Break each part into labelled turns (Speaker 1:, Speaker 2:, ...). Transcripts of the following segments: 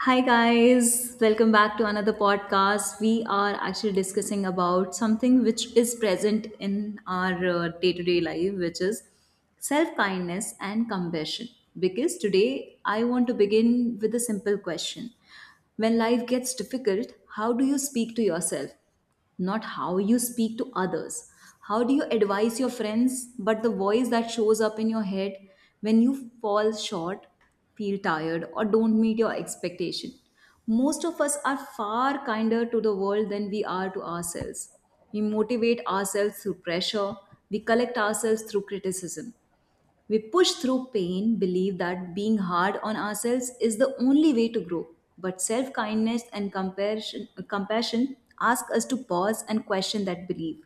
Speaker 1: Hi guys, welcome back to another podcast. We are actually discussing about something which is present in our day to day life, which is self kindness and compassion. Because today I want to begin with a simple question. When life gets difficult, how do you speak to yourself? Not how you speak to others. How do you advise your friends, but the voice that shows up in your head when you fall short, feel tired, or don't meet your expectation? Most of us are far kinder to the world than we are to ourselves. We motivate ourselves through pressure, we collect ourselves through criticism, we push through pain, believe that being hard on ourselves is the only way to grow. But self kindness and compassion ask us to pause and question that belief.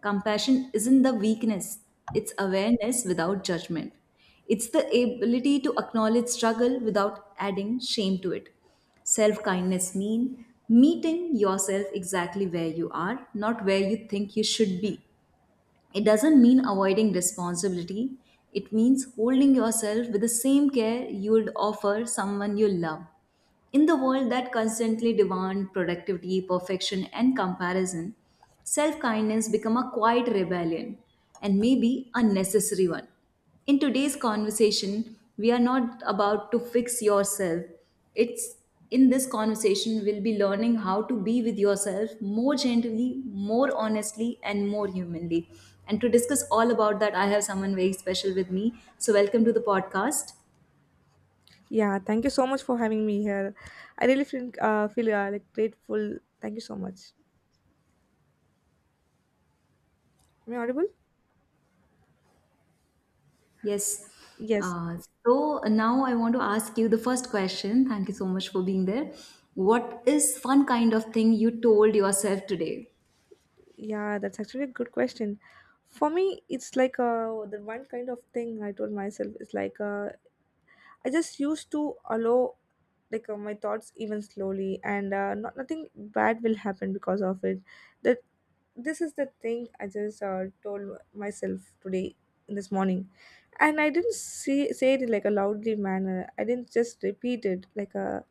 Speaker 1: Compassion isn't the weakness, it's awareness without judgment. It's the ability to acknowledge struggle without adding shame to it. Self kindness means meeting yourself exactly where you are, not where you think you should be. It doesn't mean avoiding responsibility, it means holding yourself with the same care you would offer someone you love. In the world that constantly demands productivity, perfection, and comparison, self kindness becomes a quiet rebellion and maybe a necessary one. In today's conversation we are not about to fix yourself, it's, in this conversation we'll be learning how to be with yourself more gently, more honestly and more humanly. And to discuss all about that I have someone very special with me, so welcome to the podcast.
Speaker 2: Yeah, thank you so much for having me here. I really feel feel like grateful. Thank you so much. Am I audible?
Speaker 1: Yes.
Speaker 2: Yes.
Speaker 1: uh, so now I want to ask you the first question. Thank you so much for being there. What is one kind of thing you told yourself today?
Speaker 2: Yeah, that's actually a good question. For me, it's the one kind of thing I told myself is I just used to allow my thoughts even slowly, and not nothing bad will happen because of it. That This is the thing I just told myself today, this morning, and I didn't say it in like a loudly manner. I didn't just repeat it like a.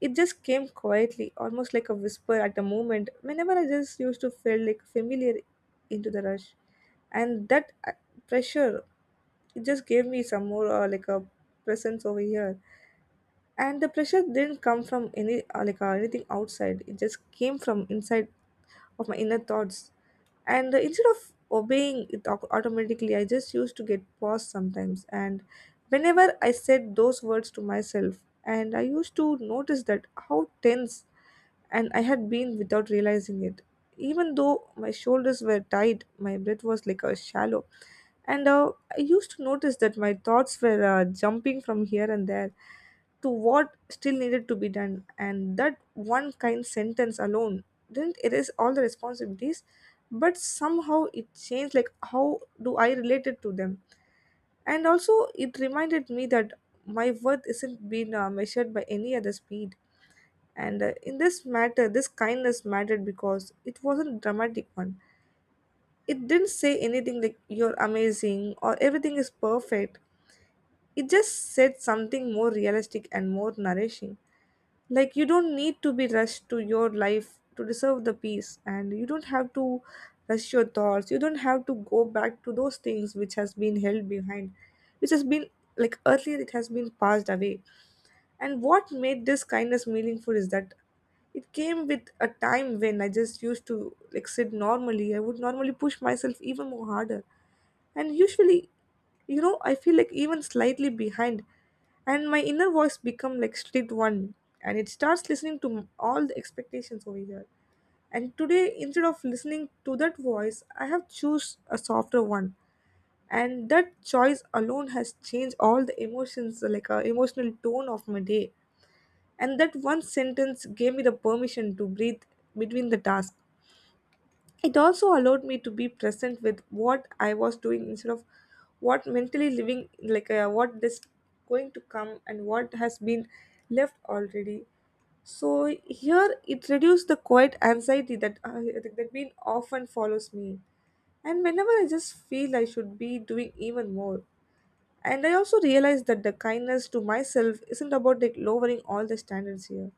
Speaker 2: It just came quietly, almost like a whisper at the moment. Whenever I just used to feel like familiar into the rush, and that pressure, it just gave me some more like a presence over here. And the pressure didn't come from any anything outside. It just came from inside of my inner thoughts, and instead of obeying it automatically, I just used to get paused sometimes. And whenever I said those words to myself, and I used to notice that how tense and I had been without realizing it, even though my shoulders were tight, my breath was like a shallow, and I used to notice that my thoughts were jumping from here and there to what still needed to be done. And that one kind sentence alone didn't erase all the responsibilities, but somehow it changed like how do I relate it to them. And also it reminded me that my worth isn't being measured by any other speed. And in this matter, this kindness mattered because it wasn't dramatic one. It didn't say anything like you're amazing or everything is perfect. It just said something more realistic and more nourishing, like you don't need to be rushed to your life to deserve the peace, and you don't have to rush your thoughts. You don't have to go back to those things which has been held behind, which has been like earlier, it has been passed away. And what made this kindness meaningful is that it came with a time when I just used to like sit normally, I would normally push myself even more harder. And usually, you know, I feel like even slightly behind, and my inner voice become like strict one, and it starts listening to all the expectations over here. And today, instead of listening to that voice, I have choose a softer one, and that choice alone has changed all the emotions, like emotional tone of my day. And that one sentence gave me the permission to breathe between the tasks. It also allowed me to be present with what I was doing, instead of what mentally living, what is going to come and what has been left already. So here it reduced the quiet anxiety that been often follows me, and whenever I just feel I should be doing even more. And I also realized that the kindness to myself isn't about like lowering all the standards here.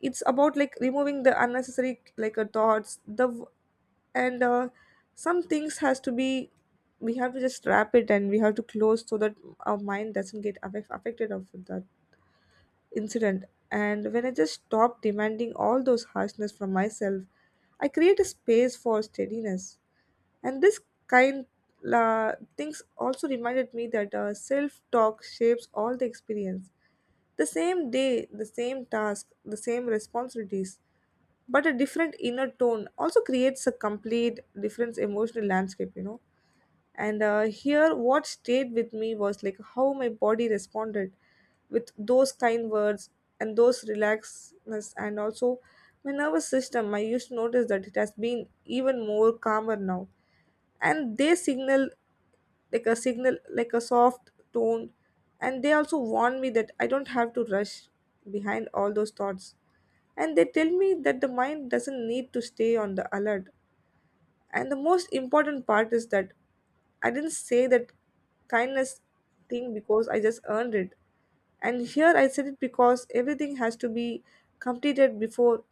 Speaker 2: It's about like removing the unnecessary thoughts, and some things has to be, we have to just wrap it and we have to close, so that our mind doesn't get affected of that incident. And when I just stop demanding all those harshness from myself, I create a space for steadiness. And this kind things also reminded me that self-talk shapes all the experience. The same day, the same task, the same responsibilities, but a different inner tone also creates a complete different emotional landscape, you know. And here what stayed with me was like how my body responded with those kind words and those relaxedness. And also my nervous system, I used to notice that it has been even more calmer now. And they signal like a soft tone, and they also warn me that I don't have to rush behind all those thoughts. And they tell me that the mind doesn't need to stay on the alert. And the most important part is that I didn't say that kindness thing because I just earned it. And here I said it because everything has to be completed before,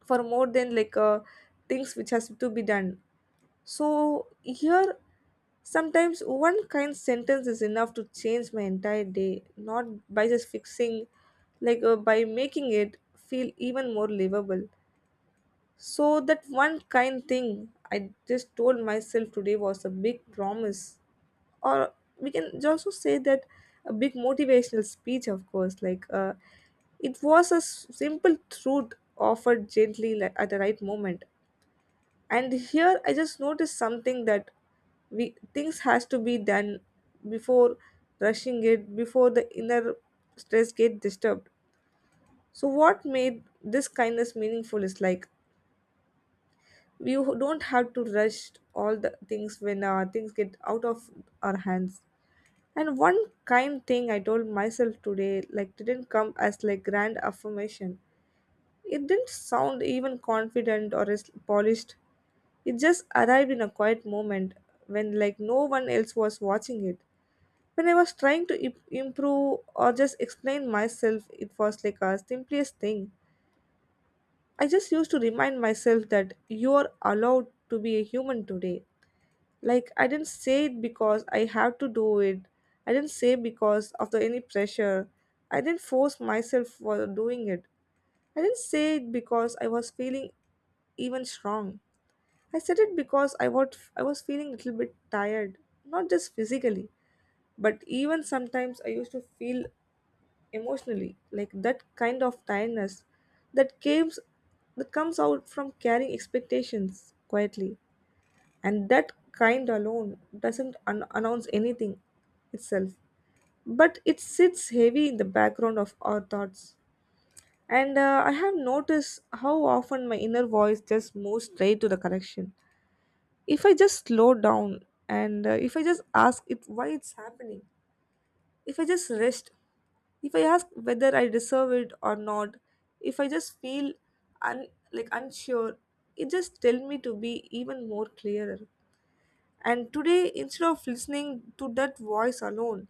Speaker 2: for more than things which has to be done. So here sometimes one kind sentence is enough to change my entire day, not by just fixing, by making it feel even more livable. So that one kind thing I just told myself today was a big promise, or we can also say that a big motivational speech, of course. It was a simple truth offered gently, like at the right moment. And here I just noticed something that we things has to be done before rushing it, before the inner stress get disturbed. So what made this kindness meaningful is like you don't have to rush all the things when things get out of our hands. And one kind thing I told myself today like didn't come as like grand affirmation. It didn't sound even confident or as polished. It just arrived in a quiet moment when like no one else was watching it, when I was trying to improve or just explain myself. It was like a simplest thing. I just used to remind myself that you are allowed to be a human today. Like I didn't say it because I have to do it. I didn't say because of the any pressure. I didn't force myself for doing it. I didn't say it because I was feeling even strong. I said it because I was feeling a little bit tired, not just physically, but even sometimes I used to feel emotionally, like that kind of tiredness that comes that comes out from carrying expectations quietly. And that kind alone doesn't announce anything itself, but it sits heavy in the background of our thoughts. And I have noticed how often my inner voice just moves straight to the correction. If I just slow down, and if I just ask it why it's happening, if I just rest, if I ask whether I deserve it or not, if I just feel like unsure, it just tell me to be even more clearer. And today, instead of listening to that voice alone,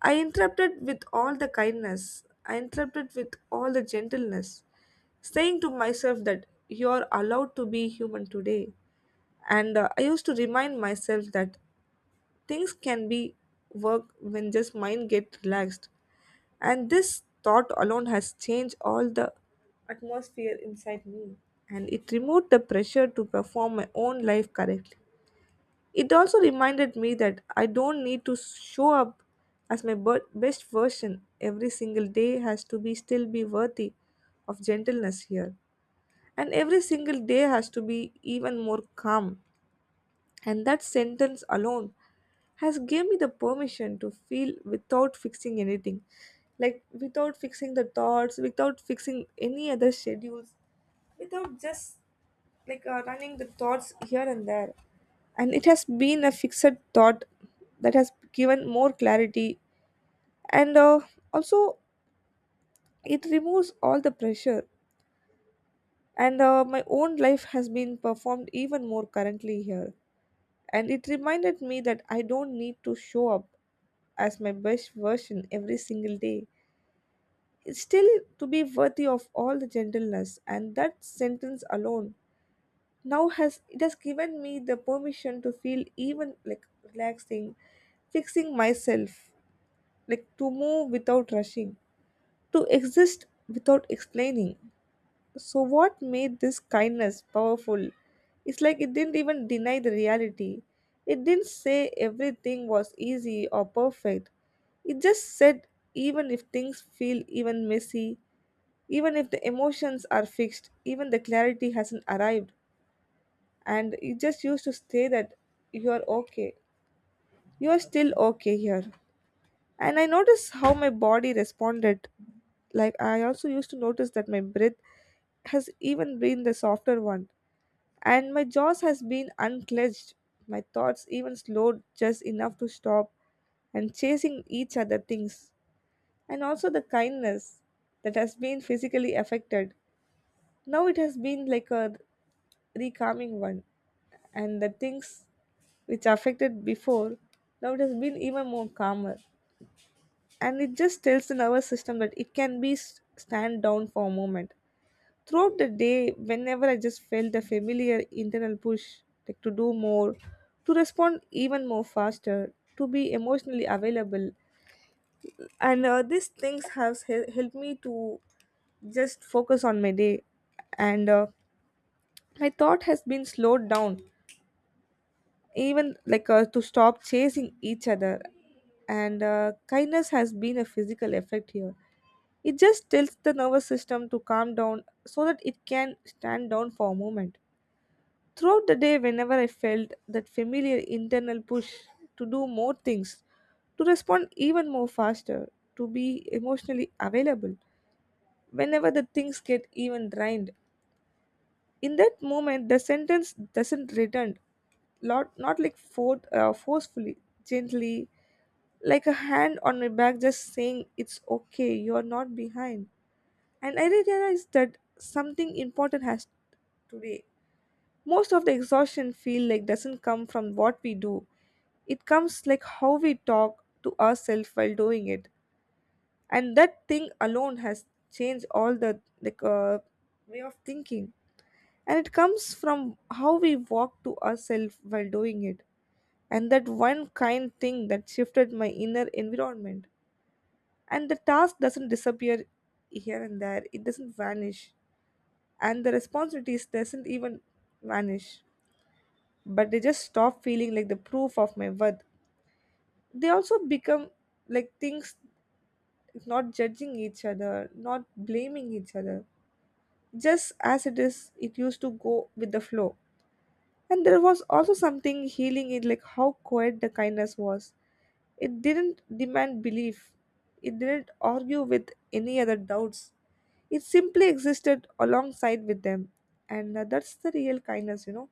Speaker 2: I interrupted with all the kindness, I interrupted with all the gentleness, saying to myself that you are allowed to be human today. And I used to remind myself that things can be work when just mind get relaxed. And this thought alone has changed all the atmosphere inside me, and it removed the pressure to perform my own life correctly. It also reminded me that I don't need to show up as my best version every single day, has to be still be worthy of gentleness here. And every single day has to be even more calm. And that sentence alone has gave me the permission to feel without fixing anything. Like without fixing the thoughts, without fixing any other schedules, without just running the thoughts here and there. And it has been a fixed thought that has given more clarity. And also it removes all the pressure, and my own life has been performed even more currently here. And it reminded me that I don't need to show up as my best version every single day. It's still to be worthy of all the gentleness, and that sentence alone now has, it has given me the permission to feel even like relaxing, fixing myself, like to move without rushing, to exist without explaining. So, what made this kindness powerful? It's like it didn't even deny the reality. It didn't say everything was easy or perfect. It just said, even if things feel even messy, even if the emotions are fixed, even the clarity hasn't arrived, and it just used to say that you are okay. You are still okay here. And I noticed how my body responded. Like, I also used to notice that my breath has even been the softer one, and my jaws has been unclenched. My thoughts even slowed just enough to stop and chasing each other things. And also the kindness that has been physically affected. Now it has been like a recalming one. And the things which affected before, now it has been even more calmer. And it just tells the nervous system that it can be stand down for a moment throughout the day whenever I just felt the familiar internal push, like to do more, to respond even more faster, to be emotionally available. And uh, these things have helped me to just focus on my day. And uh, my thought has been slowed down, even to stop chasing each other. And uh, kindness has been a physical effect here. It just tells the nervous system to calm down so that it can stand down for a moment. Throughout the day, whenever I felt that familiar internal push to do more things, to respond even more faster, to be emotionally available, whenever the things get even drained, in that moment the sentence doesn't return. Not like forcefully, gently, like a hand on my back just saying it's okay, you're not behind. And I realized that something important has, today, most of the exhaustion feel like doesn't come from what we do. It comes like how we talk to ourselves while doing it. And that thing alone has changed all the way of thinking. And it comes from how we walk to ourselves while doing it, and that one kind thing that shifted my inner environment. And the task doesn't disappear here and there, it doesn't vanish, and the responsibilities doesn't even vanish, but they just stop feeling like the proof of my worth. They also become like things, not judging each other, not blaming each other, just as it is, it used to go with the flow. And there was also something healing in like how quiet the kindness was. It didn't demand belief. It didn't argue with any other doubts. It simply existed alongside with them. And that's the real kindness, you know.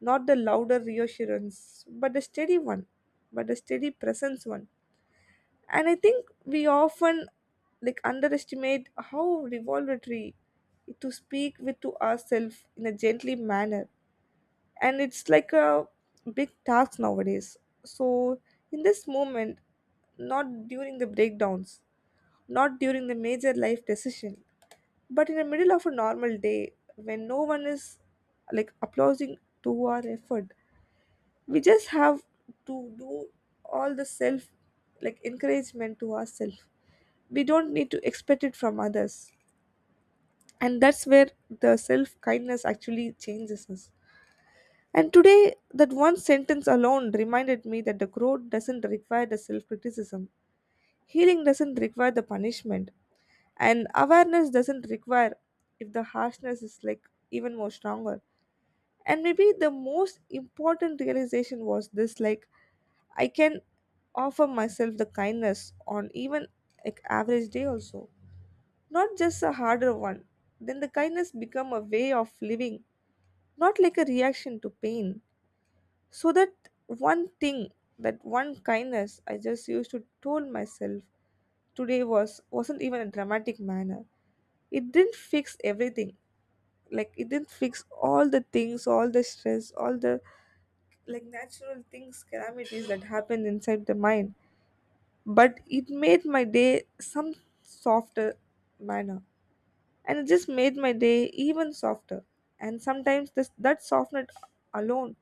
Speaker 2: Not the louder reassurance, but the steady one. But the steady presence one. And I think we often like underestimate how revelatory to speak with to ourselves in a gently manner, and it's like a big task nowadays. So in this moment, not during the breakdowns, not during the major life decision, but in the middle of a normal day when no one is like applauding to our effort, we just have to do all the self like encouragement to ourselves. We don't need to expect it from others, and that's where the self kindness actually changes us. And today, that one sentence alone reminded me that the growth doesn't require the self criticism. Healing doesn't require the punishment. And awareness doesn't require if the harshness is like even more stronger. And maybe the most important realization was this, like, I can offer myself the kindness on even like average day also. Not just a harder one. Then the kindness become a way of living, not like a reaction to pain. So that one thing, that one kindness I just used to told myself today, was wasn't even a dramatic manner. It didn't fix everything. Like, it didn't fix all the things, all the stress, all the like natural things calamities that happened inside the mind, but it made my day some softer manner. And it just made my day even softer. And sometimes this that softener alone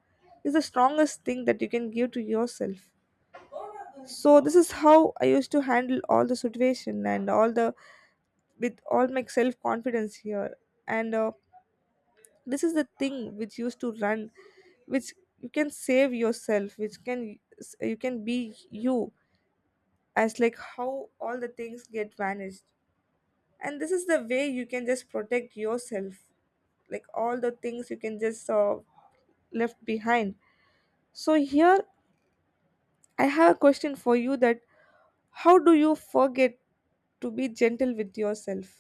Speaker 2: is the strongest thing that you can give to yourself. So this is how I used to handle all the situation and all the, with all my self confidence here. And uh, this is the thing which used to run, which you can save yourself, which can, you can be you, as like how all the things get vanished. And this is the way you can just protect yourself, like all the things you can just left behind. So here, I have a question for you that, how do you forget to be gentle with yourself?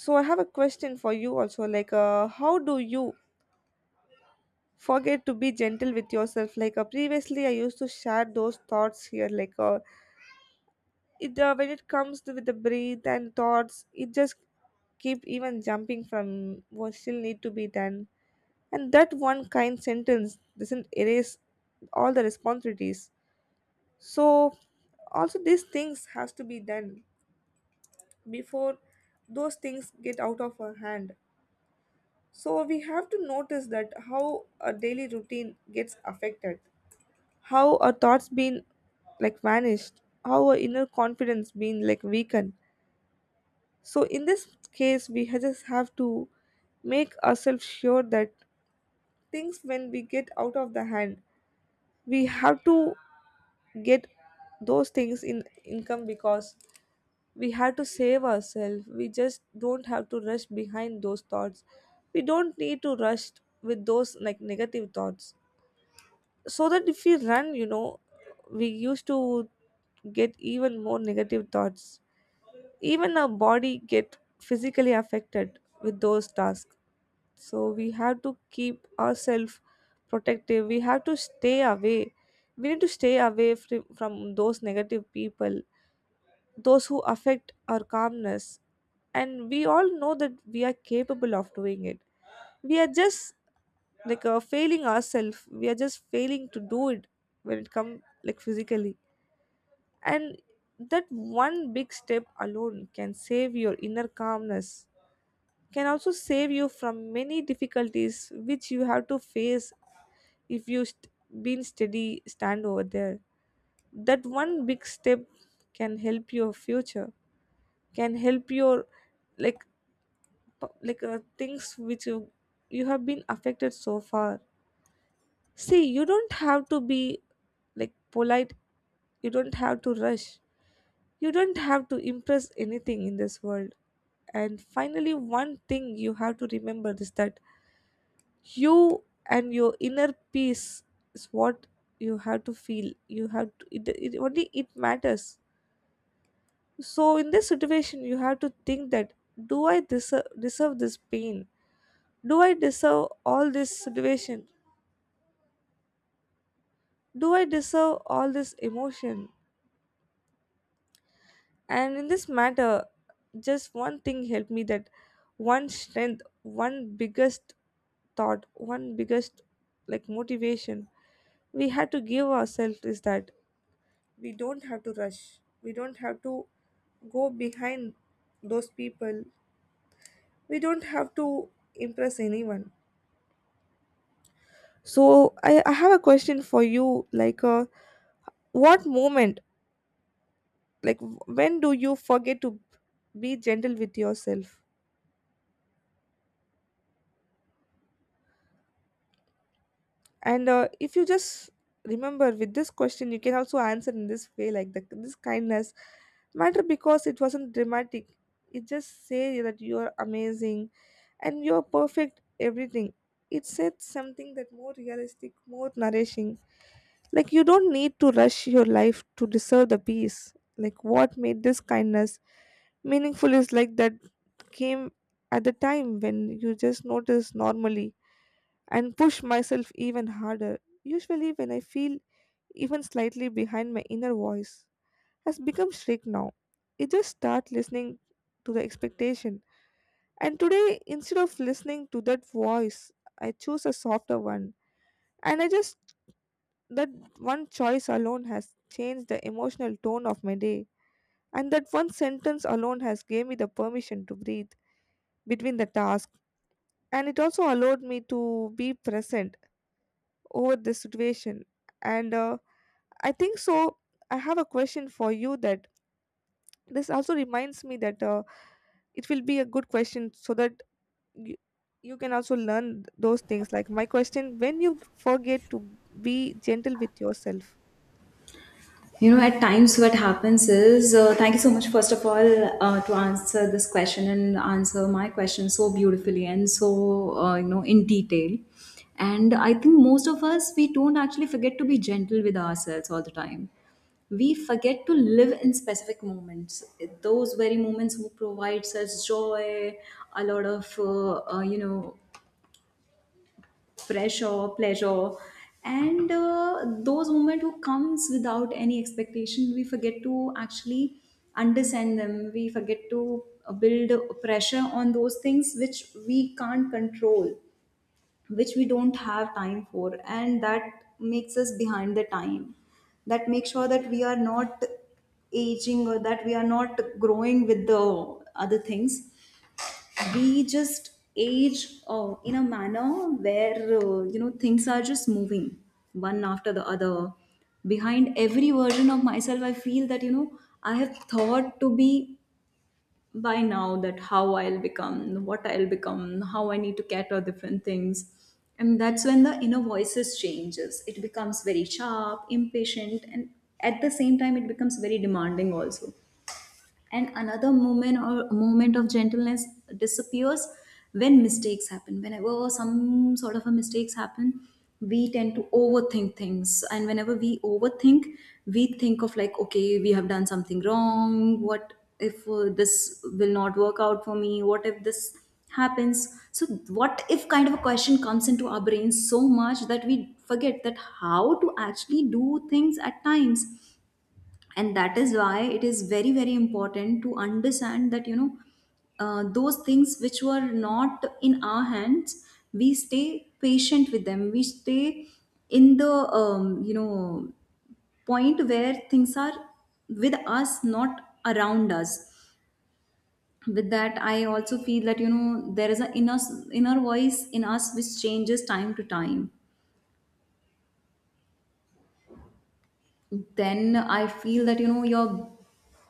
Speaker 2: So I have a question for you also, how do you forget to be gentle with yourself? Previously, I used to share those thoughts here, it when it comes to with the breathe and thoughts, it just keep even jumping from what still need to be done. And that one kind sentence doesn't erase all the responsibilities. So also these things has to be done before those things get out of our hand. So we have to notice that how a daily routine gets affected, how our thoughts being like vanished, how our inner confidence being like weakened. So in this case, we just have to make ourselves sure that things when we get out of the hand, we have to get those things in income, because we have to save ourselves. We just don't have to rush behind those thoughts. We don't need to rush with those like negative thoughts, so that if we run, you know, we used to get even more negative thoughts. Even our body get physically affected with those tasks. So we have to keep ourselves protective. We have to stay away. We need to stay away from those negative people, those who affect our calmness. And we all know that we are capable of doing it. We are just failing ourselves. We are just failing to do it when it comes like physically. And that one big step alone can save your inner calmness, can also save you from many difficulties which you have to face. If you been steady stand over there, that one big step can help your future, can help your like things which you have been affected so far. See, you don't have to be like polite. You don't have to rush. You don't have to impress anything in this world. And finally, one thing you have to remember is that you and your inner peace is what you have to feel. You have to, it only it matters. So in this situation, you have to think that, do I deserve this pain? Do I deserve all this situation? Do I deserve all this emotion? And in this matter, just one thing helped me, that one strength, one biggest thought, one biggest like motivation we had to give ourselves is that we don't have to rush. We don't have to go behind those people. We don't have to impress anyone. So I have a question for you what moment, like when do you forget to be gentle with yourself? And uh, if you just remember with this question, you can also answer in this way, like this kindness matter because it wasn't dramatic. It just say that you're amazing and you're perfect everything. It said something that more realistic, more nourishing, like you don't need to rush your life to deserve the peace. Like, what made this kindness meaningful is like that came at the time when you just notice normally and push myself even harder. Usually, when I feel even slightly behind, my inner voice has become strict now. It just start listening to the expectation. And today, instead of listening to that voice, I choose a softer one. And I just that one choice alone has changed the emotional tone of my day. And that one sentence alone has gave me the permission to breathe between the tasks, and it also allowed me to be present over this situation. And uh, i think so, I have a question for you that, this also reminds me that it will be a good question so that you, you can also learn those things, like my question, when you forget to be gentle with yourself.
Speaker 1: You know, at times what happens is, thank you so much, first of all, to answer this question and answer my question so beautifully and so, you know, in detail. And I think most of us, we don't actually forget to be gentle with ourselves all the time. We forget to live in specific moments, those very moments who provides us joy, a lot of, you know, pressure, pleasure, and those moments who comes without any expectation, we forget to actually understand them. We forget to build pressure on those things which we can't control, which we don't have time for, and that makes us behind the time. That makes sure that we are not aging or that we are not growing with the other things. We just age in a manner where, you know, things are just moving one after the other. Behind every version of myself I feel that, you know, I have thought to be by now that how I'll become, what I'll become, how I need to cater different things. And that's when the inner voices changes, it becomes very sharp, impatient, and at the same time it becomes very demanding also. And another moment or moment of gentleness disappears when mistakes happen. Whenever some sort of a mistakes happen, we tend to overthink things, and whenever we overthink, we think of like, okay, we have done something wrong. What if this will not work out for me, what if this happens? So what if kind of a question comes into our brains so much that we forget that how to actually do things at times. And that is why it is very, very important to understand that, you know, those things which were not in our hands, we stay patient with them, we stay in the you know, point where things are with us, not around us. With that I also feel that, you know, there is an inner voice in us which changes time to time. Then I feel that, you know, your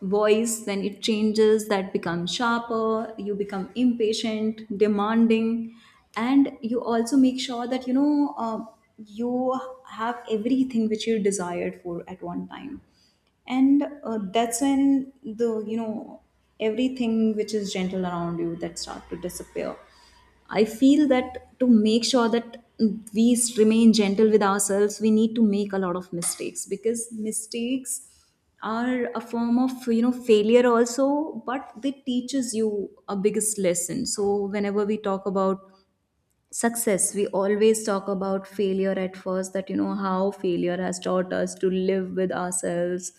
Speaker 1: voice when it changes, that becomes sharper, you become impatient, demanding. And you also make sure that, you know, you have everything which you desired for at one time. And that's when the, you know, everything which is gentle around you that start to disappear. I feel that to make sure that we remain gentle with ourselves, we need to make a lot of mistakes, because mistakes are a form of, you know, failure also, but they teaches you a biggest lesson. So whenever we talk about success we always talk about failure at first, that, you know, how failure has taught us to live with ourselves,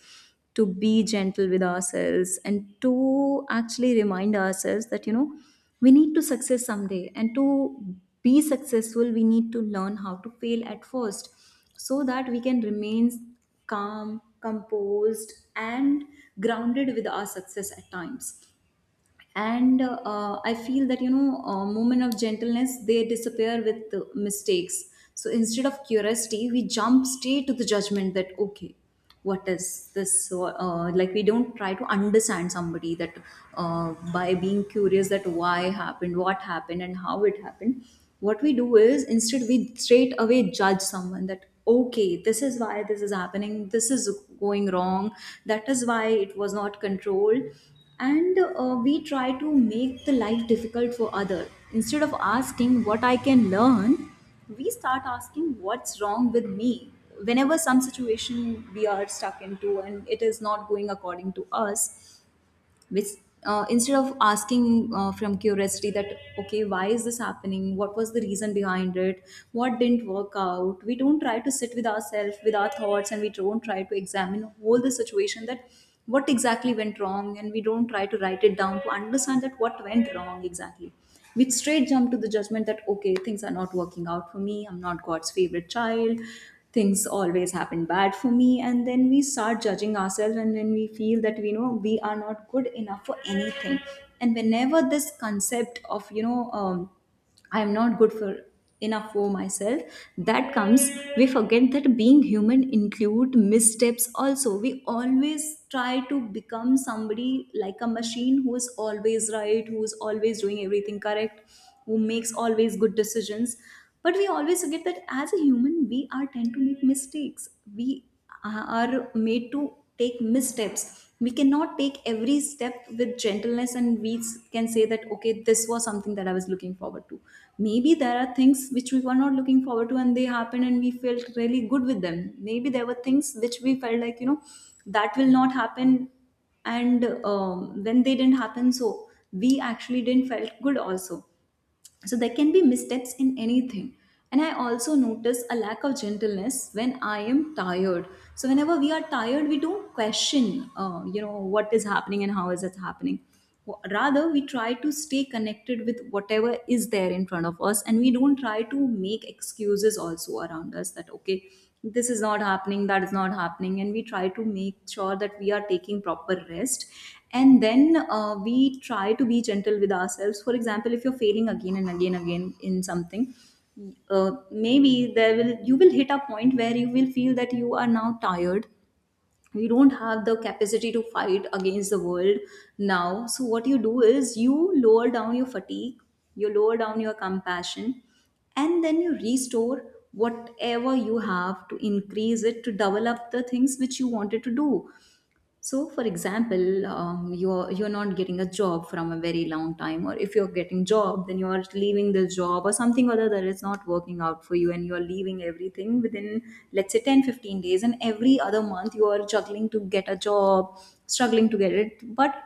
Speaker 1: to be gentle with ourselves, and to actually remind ourselves that, you know, we need to success someday, and to be successful we need to learn how to fail at first, so that we can remain calm, composed and grounded with our success at times. And I feel that, you know, moment of gentleness, they disappear with mistakes. So instead of curiosity we jump straight to the judgment that, okay, what is this? So, like we don't try to understand somebody, that by being curious that why happened, what happened and how it happened. What we do is, instead we straight away judge someone that, okay, this is why this is happening, this is going wrong, that is why it was not controlled. And we try to make the life difficult for other, instead of asking what I can learn. We start asking what's wrong with me whenever some situation we are stuck into and it is not going according to us, which, instead of asking from curiosity that, okay, why is this happening, what was the reason behind it, what didn't work out, we don't try to sit with ourselves with our thoughts, and we don't try to examine all the situation that what exactly went wrong, and we don't try to write it down to understand that what went wrong exactly. We straight jump to the judgment that, okay, things are not working out for me, I'm not God's favorite child, things always happen bad for me. And then we start judging ourselves, and then we feel that we know we are not good enough for anything. And whenever this concept of, you know, I am not good for enough for myself, that comes, we forget that being human include missteps also. We always try to become somebody like a machine who is always right, who is always doing everything correct, who makes always good decisions. But we always forget that as a human we are tend to make mistakes. We are made to take missteps. We cannot take every step with gentleness and we can say that, okay, this was something that I was looking forward to. Maybe there are things which we were not looking forward to and they happened and we felt really good with them. Maybe there were things which we felt like, you know, that will not happen, and when they didn't happen, so we actually didn't felt good also. So there can be missteps in anything. And I also notice a lack of gentleness when I am tired. So whenever we are tired, we don't question, you know, what is happening and how is it happening. Rather, we try to stay connected with whatever is there in front of us, and we don't try to make excuses also around us, that, okay, this is not happening, that is not happening, and we try to make sure that we are taking proper rest. And then we try to be gentle with ourselves. For example, if you're failing again and again, again, in something, maybe there will, you will hit a point where you will feel that you are now tired, you don't have the capacity to fight against the world now. So what you do is you lower down your fatigue, you lower down your compassion, and then you restore whatever you have, to increase it, to double up the things which you wanted to do. So, for example, you're not getting a job from a very long time, or if you're getting job, then you are leaving the job or something other that is not working out for you, and you're leaving everything within let's say 10-15 days, and every other month you are juggling to get a job, struggling to get it. But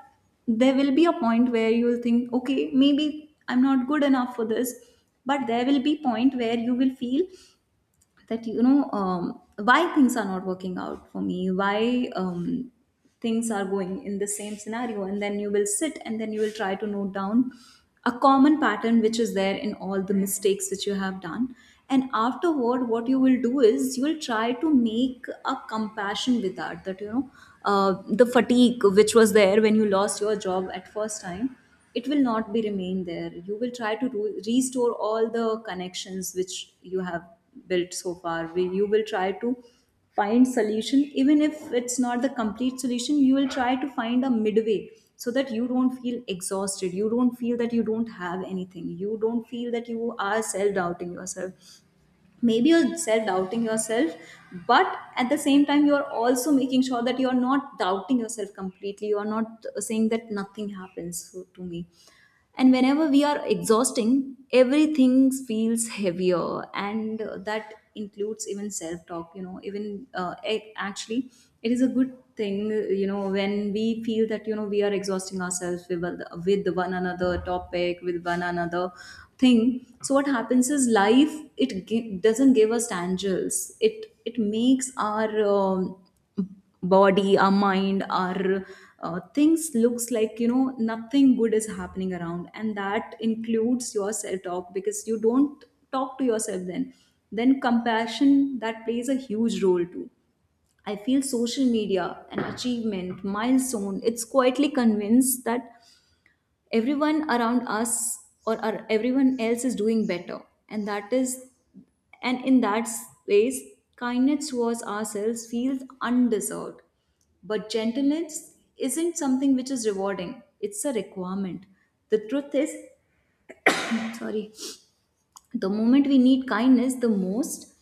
Speaker 1: there will be a point where you will think, okay, maybe I'm not good enough for this, but there will be point where you will feel that, you know, why things are not working out for me, why things are going in the same scenario. And then you will sit and then you will try to note down a common pattern which is there in all the mistakes which you have done. And afterward what you will do is you will try to make a compassion with that, that, you know, the fatigue which was there when you lost your job at first time, it will not be remain there. You will try to restore all the connections which you have built so far. You will try to find solution, even if it's not the complete solution you will try to find a midway, so that you don't feel exhausted, you don't feel that you don't have anything, you don't feel that you are self doubting yourself. Maybe you're self doubting yourself, but at the same time you're also making sure that you're not doubting yourself completely, you're not saying that nothing happens to me. And whenever we are exhausting, everything feels heavier, and that includes even self talk, you know, even it actually, it is a good thing, you know, when we feel that, you know, we are exhausting ourselves with, one another topic, with one another thing. So what happens is, life it doesn't give us tangles, it makes our body, our mind, our things looks like, you know, nothing good is happening around, and that includes your self talk, because you don't talk to yourself. Then compassion, that plays a huge role too. I feel social media and achievement milestone, it's quietly convinced that everyone around us, or everyone else is doing better. And that is, and in that space, kindness towards ourselves feels undeserved. But gentleness isn't something which is rewarding, it's a requirement. The truth is, sorry, the moment we need kindness the most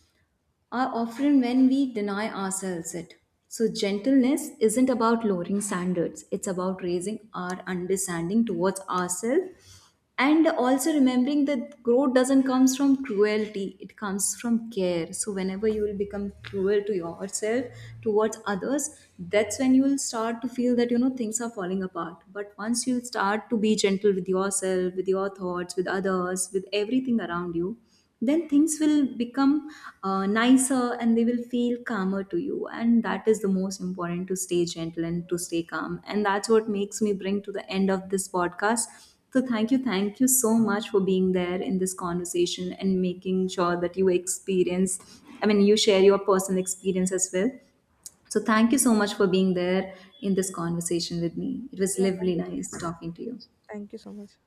Speaker 1: are often when we deny ourselves it. So, gentleness isn't about lowering standards, it's about raising our understanding towards ourselves, and also remembering that growth doesn't come from cruelty, it comes from care. So whenever you will become cruel to yourself, towards others, that's when you will start to feel that, you know, things are falling apart. But once you start to be gentle with yourself, with your thoughts, with others, with everything around you, then things will become nicer, and they will feel calmer to you. And that is the most important, to stay gentle and to stay calm. And that's what makes me bring to the end of this podcast. So thank you, thank you so much for being there in this conversation and making sure that you experience, I mean you share your personal experience as well. So thank you so much for being there in this conversation with me. It was
Speaker 2: Yeah,
Speaker 1: lovely,
Speaker 2: thank you so
Speaker 1: nice
Speaker 2: much.
Speaker 1: talking to you.
Speaker 2: Thank you so much.